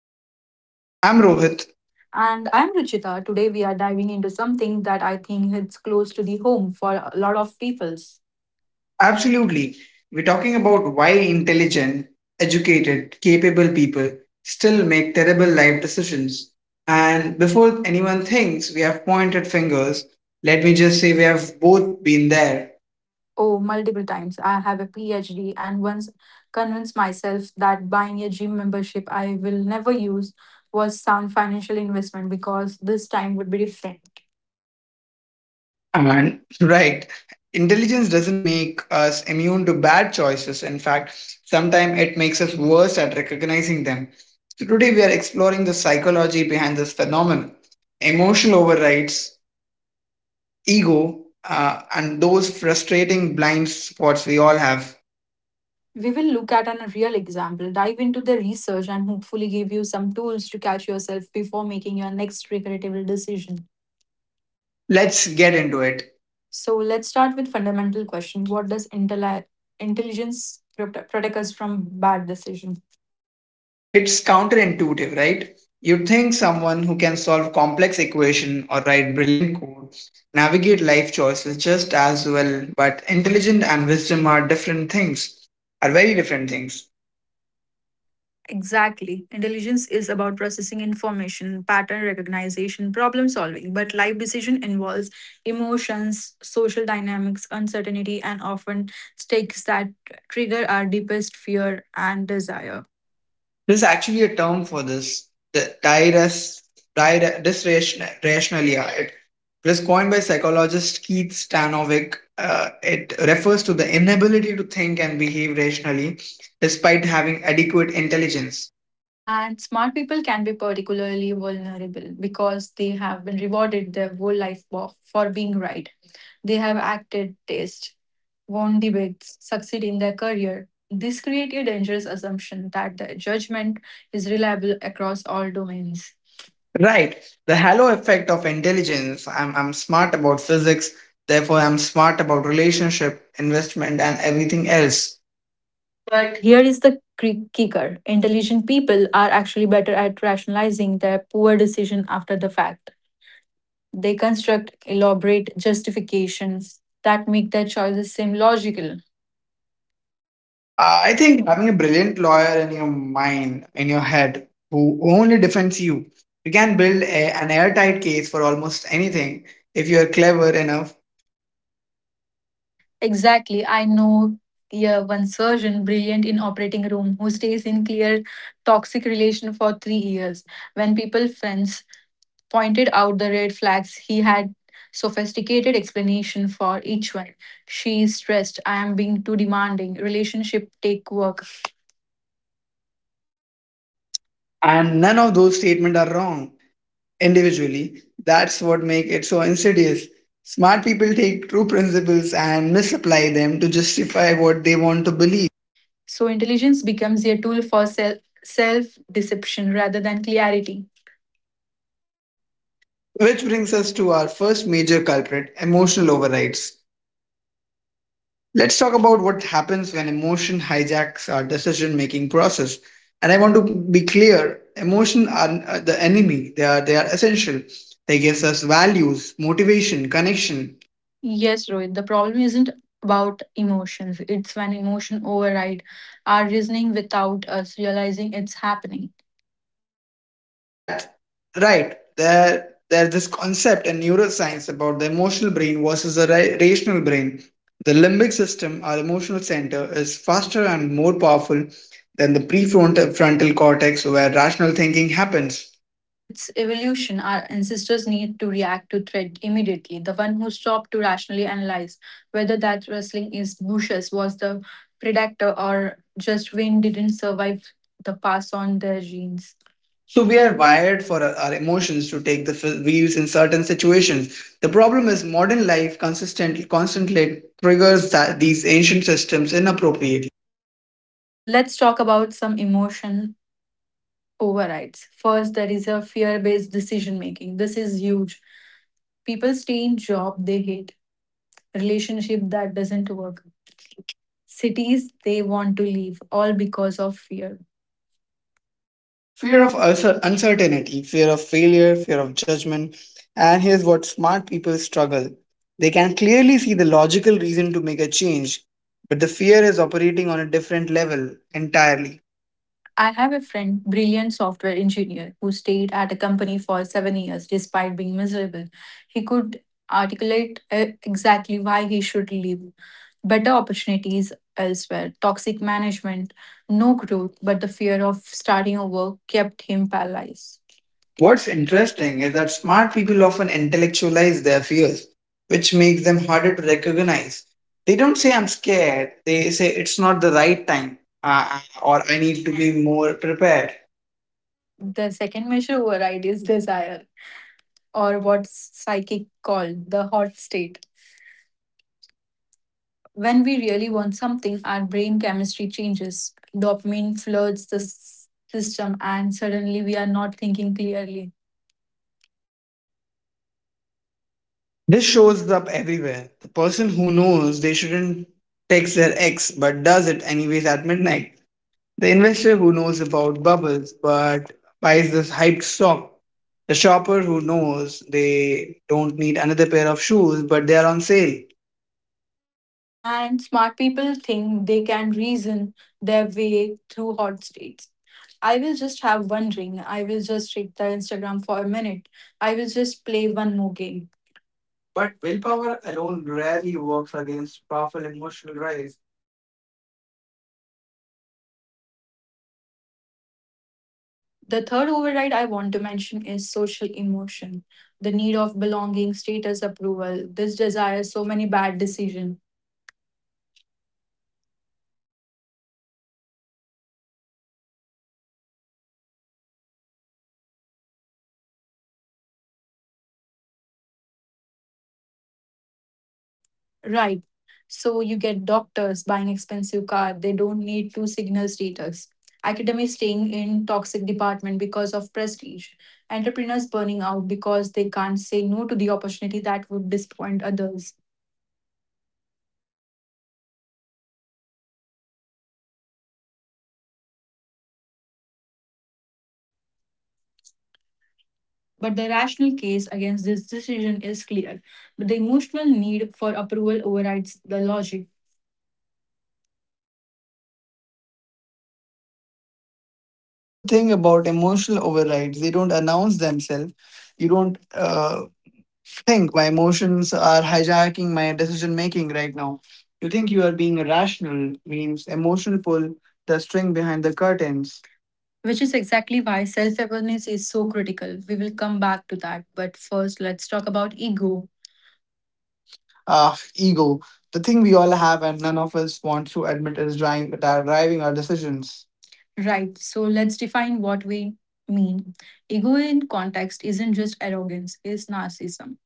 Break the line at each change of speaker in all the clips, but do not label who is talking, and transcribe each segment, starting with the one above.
Mind Matters. I'm Rohit.
And I'm Ruchita. Today we are diving into something that I think hits close to the home for a lot of peoples.
Absolutely. We're talking about why intelligent, educated, capable people still make terrible life decisions.
And
And before anyone thinks we have pointed fingers, let me just say we have both been there.
oh, multiple times. I have a PhD and once convinced myself that buying a gym membership I will never use was sound financial investment because this time would be different.
And right, intelligence doesn't make us immune to bad choices. In fact, sometimes it makes us worse at recognizing them. So today we are exploring the psychology behind this phenomenon, emotional overrides, ego, and those frustrating blind spots we all have.
We will look at a real example, dive into the research, and hopefully give you some tools to catch yourself before making your next regrettable decision.
Let's get into it.
So let's start with fundamental question. What does intelligence protect us from bad decision?
It's counterintuitive, right? You'd think someone who can solve complex equations or write brilliant code, navigate life choices just as well, but intelligent and wisdom are different things, are very different things.
Exactly. Intelligence is about processing information, pattern recognition, problem solving, but life decision involves emotions, social dynamics, uncertainty, and often stakes that trigger our deepest fear and desire.
There's actually a term for this, the dysrationalia. It was coined by psychologist Keith Stanovic. It refers to the inability to think and behave rationally despite having adequate intelligence.
And smart people can be particularly vulnerable because they have been rewarded their whole life for being right. They have acted taste, won debates, succeed in their career. This creates a dangerous assumption that the judgment is reliable across all domains.
Right. The halo effect of intelligence. I'm smart about physics, therefore, I'm smart about relationship, investment, and everything else.
But
But
here is the kicker. Intelligent people are actually better at rationalizing their poor decision after the fact. They construct elaborate justifications that make their choices seem logical.
I think having a brilliant lawyer in your mind, in your head, who only defends you, you can build an airtight case for almost anything if you're clever enough.
Exactly. I know, yeah, one surgeon brilliant in operating room who stays in clear toxic relation for 3 years. When people friends pointed out the red flags, he had sophisticated explanation for each one. She is stressed. I am being too demanding. Relationship take work.
And none of those statements are wrong. Individually. That's what makes it so insidious. Smart people take true principles and misapply them to justify what they want to believe.
So intelligence becomes a tool for self deception rather than clarity.
Which brings us to our first major culprit, emotional overrides. Let's talk about what happens when emotion hijacks our decision making process. And I want to be clear, emotion are the enemy. They are essential. They gives us values, motivation, connection.
Yes, Rohit, the problem isn't about emotions. It's when emotion override our reasoning without us realizing it's happening.
That Right there, there's this concept in neuroscience about the emotional brain versus the rational brain. The limbic system, our emotional center, is faster and more powerful than the prefrontal frontal cortex where rational thinking happens.
It's evolution. Our ancestors need to react to threat immediately. The one who stopped to rationally analyze whether that rustling is bushes was the predator or just wind didn't survive the pass on their genes.
So
So we
we are
are biased.
wired for our emotions to take the wheels in certain situations. The problem is modern life consistently constantly triggers these ancient systems inappropriately.
Let's talk about some emotion overrides. First, there is a fear based decision making. This is huge. People stay in job they hate, relationship that doesn't work, cities they want to leave, all because of fear. Fear.
Fear
Of-
of uncertainty, fear of failure, fear of judgment. And here's what smart people struggle, they can clearly see the logical reason to make a change, but the fear is operating on a different level entirely.
I have a friend, brilliant software engineer, who stayed at a company for 7 years despite being miserable. He could articulate exactly why he should leave. Better opportunities elsewhere, toxic management, no growth, but the fear of starting over kept him paralyzed. What's
What's
interesting
interesting
is
is
that
that
smart
smart people
people.
often intellectualize their fears, which makes them harder to recognize. They don't say, I'm scared, they say, it's not the right time, or I need to be more prepared.
The second measure override is desire, or what's psychic called the hot state. When we really want something, our brain chemistry changes. Dopamine floods the system, and suddenly we are not thinking clearly.
This shows up everywhere. The person who knows they shouldn't text their ex but does it anyways at midnight. The investor who knows about bubbles but buys this hyped stock. The shopper who knows they don't need another pair of shoes but they are on sale.
And smart people think they can reason their way through hot states. I will just have one ring. I will just check the Instagram for a minute. I will just play one more game. But
But willpower
willpower alone
alone
rarely
rarely
works
works
against
against
powerful
powerful
emotional
emotional drives.
drives.
You need systems, not just intentions.
The third override I want to mention is social emotion, the need of belonging, status approval. This desires so many bad decisions.
Oh, this is massive. Smart people are especially susceptible because they are often high achievers who have built their identity around external validation.
Right. So you get doctors buying expensive car, they don't need to signal status. Academics staying in toxic department because of prestige. Entrepreneurs burning out because they can't say no to the opportunity that would disappoint others. But the rational case against this decision is clear. But the emotional need for approval overrides the logic. There's a thing about emotional overrides. They don't announce themselves. You don't think my emotions are hijacking my decision making right now. You think you are being rational, means emotional pull the string behind the curtains. Which is exactly why self awareness is so critical. We will come back to that. But first, let's talk about ego, ego, the thing we all have and none of us wants to admit is driving our decisions. Right, so let's define what we mean. Ego in context isn't just arrogance, it's narcissism.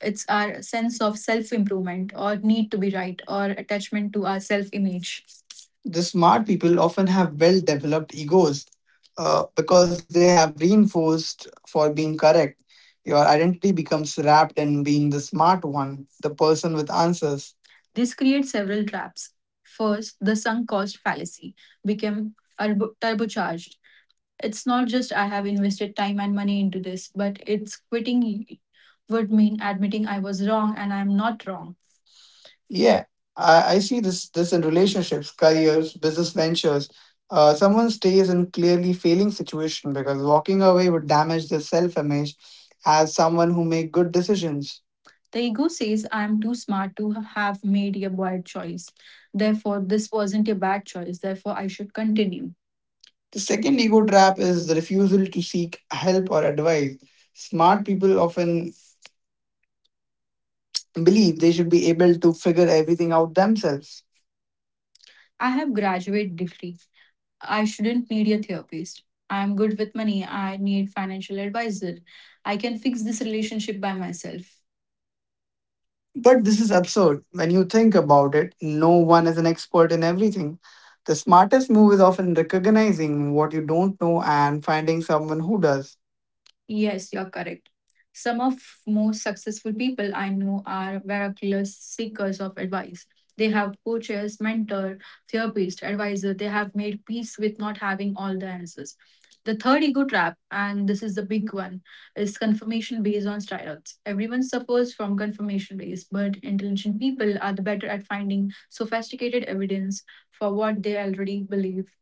It's our sense of self improvement or need to be right or attachment to our self image. The smart people often have well developed egos because they have reinforced for being correct. Your identity becomes wrapped in being the smart one, the person with answers. This creates several traps. First, the sunk cost fallacy became turbocharged. It's not just I have invested time and money into this, but it's quitting would mean admitting I was wrong and I'm not wrong. Yeah, I see this in relationships, careers, business ventures. Someone stays in clearly failing situation because walking away would damage their self image as someone who make good decisions. The ego says, I am too smart to have made a bad choice. Therefore, this wasn't a bad choice. Therefore, I should continue. The second ego trap is the refusal to seek help or advice. Smart people often believe they should be able to figure everything out themselves. I have graduate degree. I shouldn't need a therapist. I am good with money. I need financial advisor. I can fix this relationship by myself. But this is absurd. When you think about it, no one is an expert in everything. The smartest move is often recognizing what you don't know and finding someone who does. Yes, you're correct. Some of most successful people I know are miraculous seekers of advice. They have coaches, mentor, therapist, advisor. They have made peace with not having all the answers. The third ego trap, and this is the big one, is confirmation based on steroids. Everyone suffers from confirmation based, but intelligent people are the better at finding sophisticated evidence for what they already believe.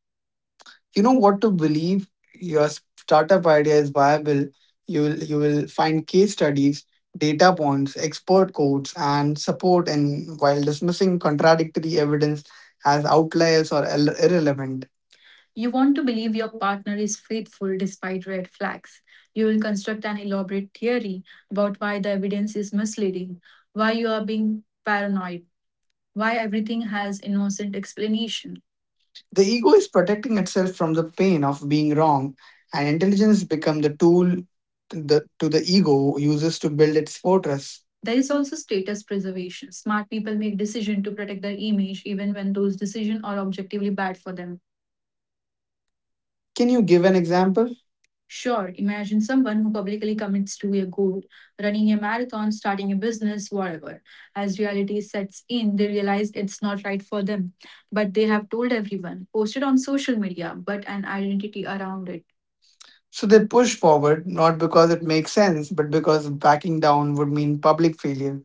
You know what to believe your startup idea is viable. You will you will find case studies, data points, expert quotes and support and while dismissing contradictory evidence as outliers or irrelevant. You want to believe your partner is faithful despite red flags. You will construct an elaborate theory about why the evidence is misleading, why you are being paranoid, why everything has innocent explanation. The ego is protecting itself from the pain of being wrong, and intelligence becomes the tool to the ego uses to build its fortress. There is also status preservation. Smart people make decisions to protect their image even when those decisions are objectively bad for them. Can you give an example? Sure, imagine someone who publicly commits to a goal, running a marathon, starting a business, whatever. As reality sets in, they realize it's not right for them. But they have told everyone, posted on social media, but an identity around it. So they push forward not because it makes sense, but because backing down would mean public failure.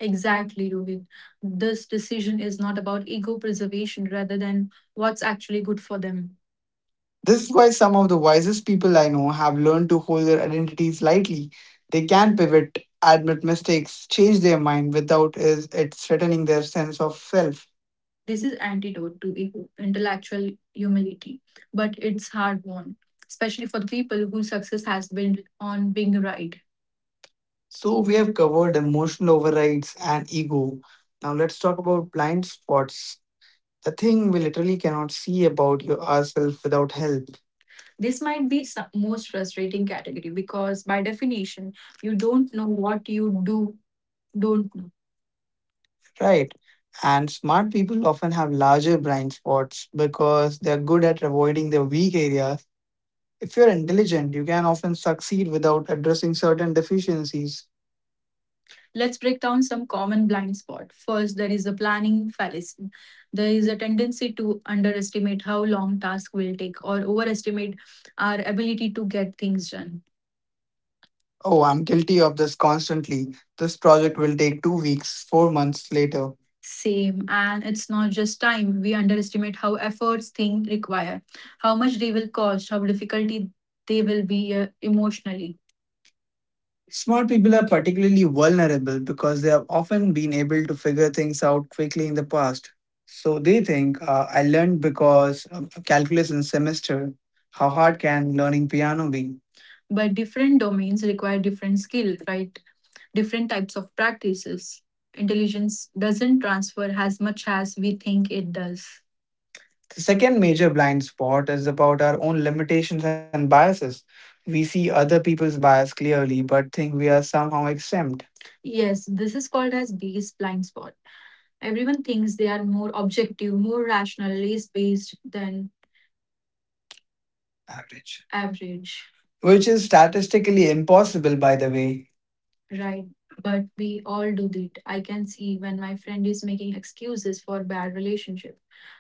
Exactly, Rohit. This decision is not about ego preservation rather than what's actually good for them. This is why some of the wisest people I know have learned to hold their identities lightly. They can pivot, admit mistakes, change their mind without is it threatening their sense of self. This is antidote to ego, intellectual humility, but it's hard won, especially for the people whose success has been on being right. So we have covered emotional overrides and ego. Now let's talk about blind spots. The thing we literally cannot see about your ourselves without help. This might be the most frustrating category because, by definition, you don't know what you do, don't know. Right. And smart people often have larger blind spots because they're good at avoiding the weak areas. If you're intelligent, you can often succeed without addressing certain deficiencies. Let's break down some common blind spot. First, there is a planning fallacy. There is a tendency to underestimate how long task will take or overestimate our ability to get things done. Oh, I'm guilty of this constantly. This project will take 2 weeks, 4 months later. Same, and it's not just time. We underestimate how efforts things require, how much they will cost, how difficulty they will be emotionally. Smart people are particularly vulnerable because they have often been able to figure things out quickly in the past. So they think, I learned because of calculus in semester. How hard can learning piano be? But different domains require different skills, right? Different types of practices. Intelligence doesn't transfer as much as we think it does. The second major blind spot is about our own limitations and biases. We see other people's bias clearly, but think we are somehow exempt. Yes, this is called as base blind spot. Everyone thinks they are more objective, more rational, less based than average. Which is statistically impossible, by the way. Right, but we all do that. I can see when my friend is making excuses for bad relationship,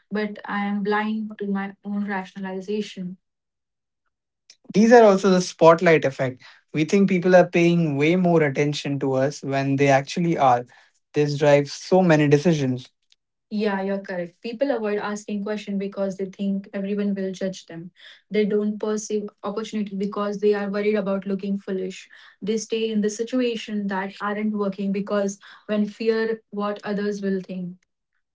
but I am blind to my own rationalization. These are also the spotlight effect. We think people are paying way more attention to us when they actually are. This drives so many decisions. Yeah, you're correct. People avoid asking questions because they think everyone will judge them. They don't perceive opportunity because they are worried about looking foolish. They stay in the situation that aren't working because when fear what others will think.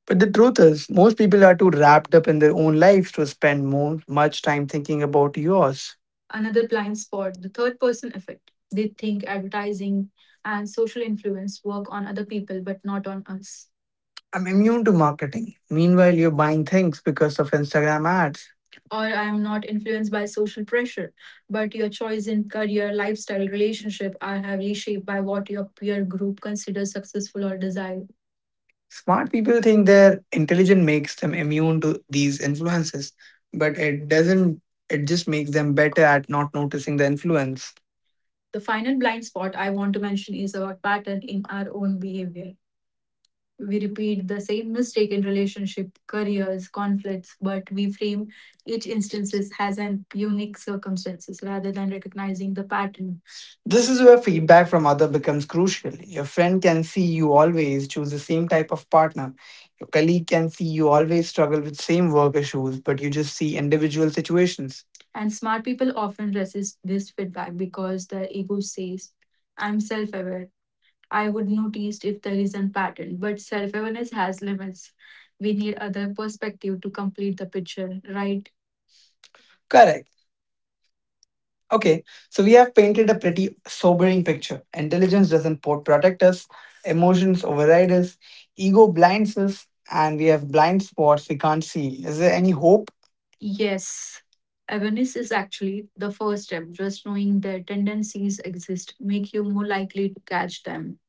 But the truth is, most people are too wrapped up in their own lives to spend more much time thinking about yours. Another blind spot, the third person effect. They think advertising and social influence work on other people but not on us. I'm immune to marketing. Meanwhile, you're buying things because of Instagram ads. Or I am not influenced by social pressure. But your choice in career, lifestyle, relationship are heavily shaped by what your peer group considers successful or desired. Smart people think their intelligence makes them immune to these influences, but it doesn't, it just makes them better at not noticing the influence. The final blind spot I want to mention is our pattern in our own behavior. We repeat the same mistake in relationship, careers, conflicts, but we frame each instances as an unique circumstances rather than recognizing the pattern. This is where feedback from other becomes crucial. Your friend can see you always choose the same type of partner. Your colleague can see you always struggle with same work issues, but you just see individual situations. And smart people often resist this feedback because their ego says, I'm self aware, I would notice if there is a pattern, but self awareness has limits. We need other perspective to complete the picture, right? Correct. Okay, so we have painted a pretty sobering picture. Intelligence doesn't protect us, emotions override us, ego blinds us, and we have blind spots we can't see. Is there any hope? Yes. Awareness is actually the first step. Just knowing their tendencies exist make you more likely to catch them.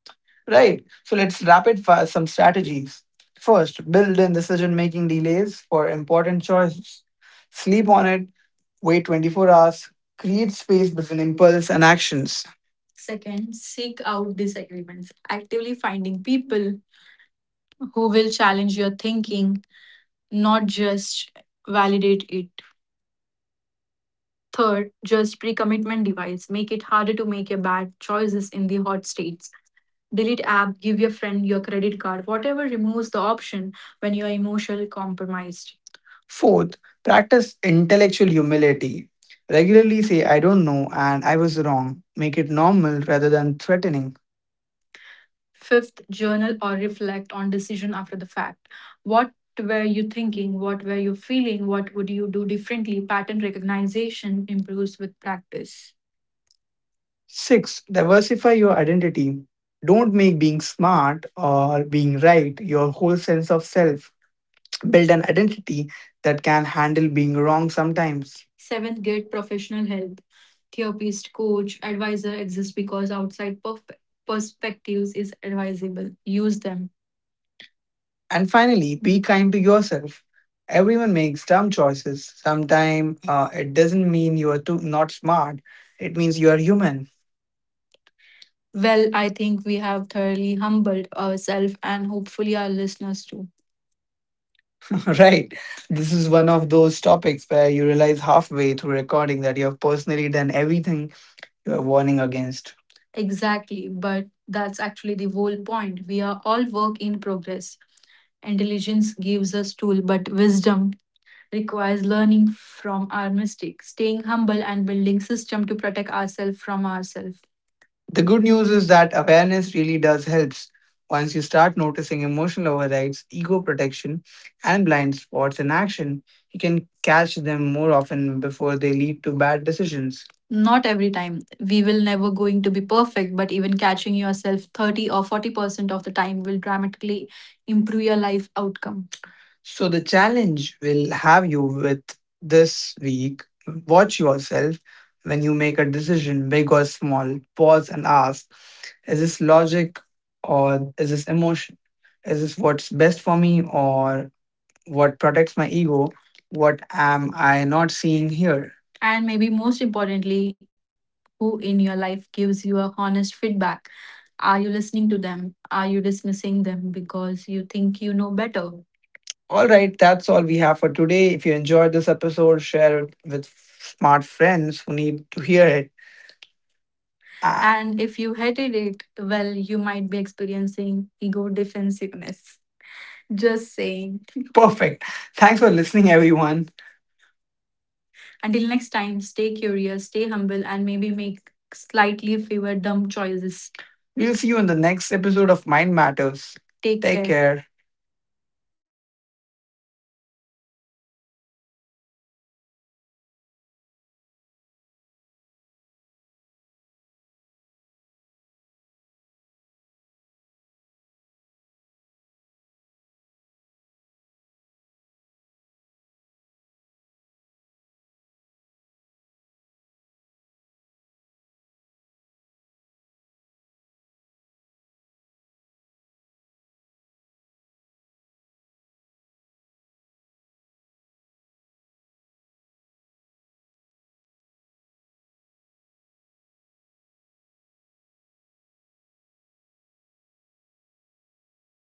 Right. So let's rapid fire some strategies. First, build in decision making delays for important choices. Sleep on it, wait 24 hours, create space between impulse and actions. Second, seek out disagreements. Actively finding people who will challenge your thinking, not just validate it. Third, just pre commitment device. Make it harder to make a bad choices in the hot states. Delete app, give your friend your credit card, whatever removes the option when you are emotionally compromised. Fourth, practice intellectual humility. Regularly say, I don't know and I was wrong. Make it normal rather than threatening. Fifth, journal or reflect on decision after the fact. What were you thinking? What were you feeling? What would you do differently? Pattern recognition improves with practice. Six, diversify your identity. Don't make being smart or being right your whole sense of self. Build an identity that can handle being wrong sometimes. Seventh, get professional help. Therapist, coach, advisor exist because outside perspectives is advisable. Use them. And finally, be kind to yourself. Everyone makes dumb choices. Sometimes it doesn't mean you are too not smart. It means you are human. Well, I think we have thoroughly humbled ourselves and hopefully our listeners too. Right. This is one of those topics where you realize halfway through recording that you have personally done everything you are warning against. Exactly, but that's actually the whole point. We are all work in progress. Intelligence gives us tool, but wisdom requires learning from our mistakes, staying humble and building system to protect ourselves from ourselves. The good news is that awareness really does helps. Once you start noticing emotional overrides, ego protection, and blind spots in action, you can catch them more often before they lead to bad decisions. Not every time. We will never going to be perfect, but even catching yourself 30 or 40% of the time will dramatically improve your life outcome. So the challenge will have you with this week. Watch yourself when you make a decision, big or small. Pause and ask, is this logic or is this emotion? Is this what's best for me or what protects my ego? What am I not seeing here? And maybe most importantly, who in your life gives you a honest feedback? Are you listening to them? Are you dismissing them because you think you know better? All right, that's all we have for today. If you enjoyed this episode, share it with smart friends who need to hear it. And if you hated it, well, you might be experiencing ego defensiveness. Just saying. Perfect. Thanks for listening, everyone. Until next time, stay curious, stay humble, and maybe make slightly fewer dumb choices. We'll see you in the next episode of Mind Matters. Take care.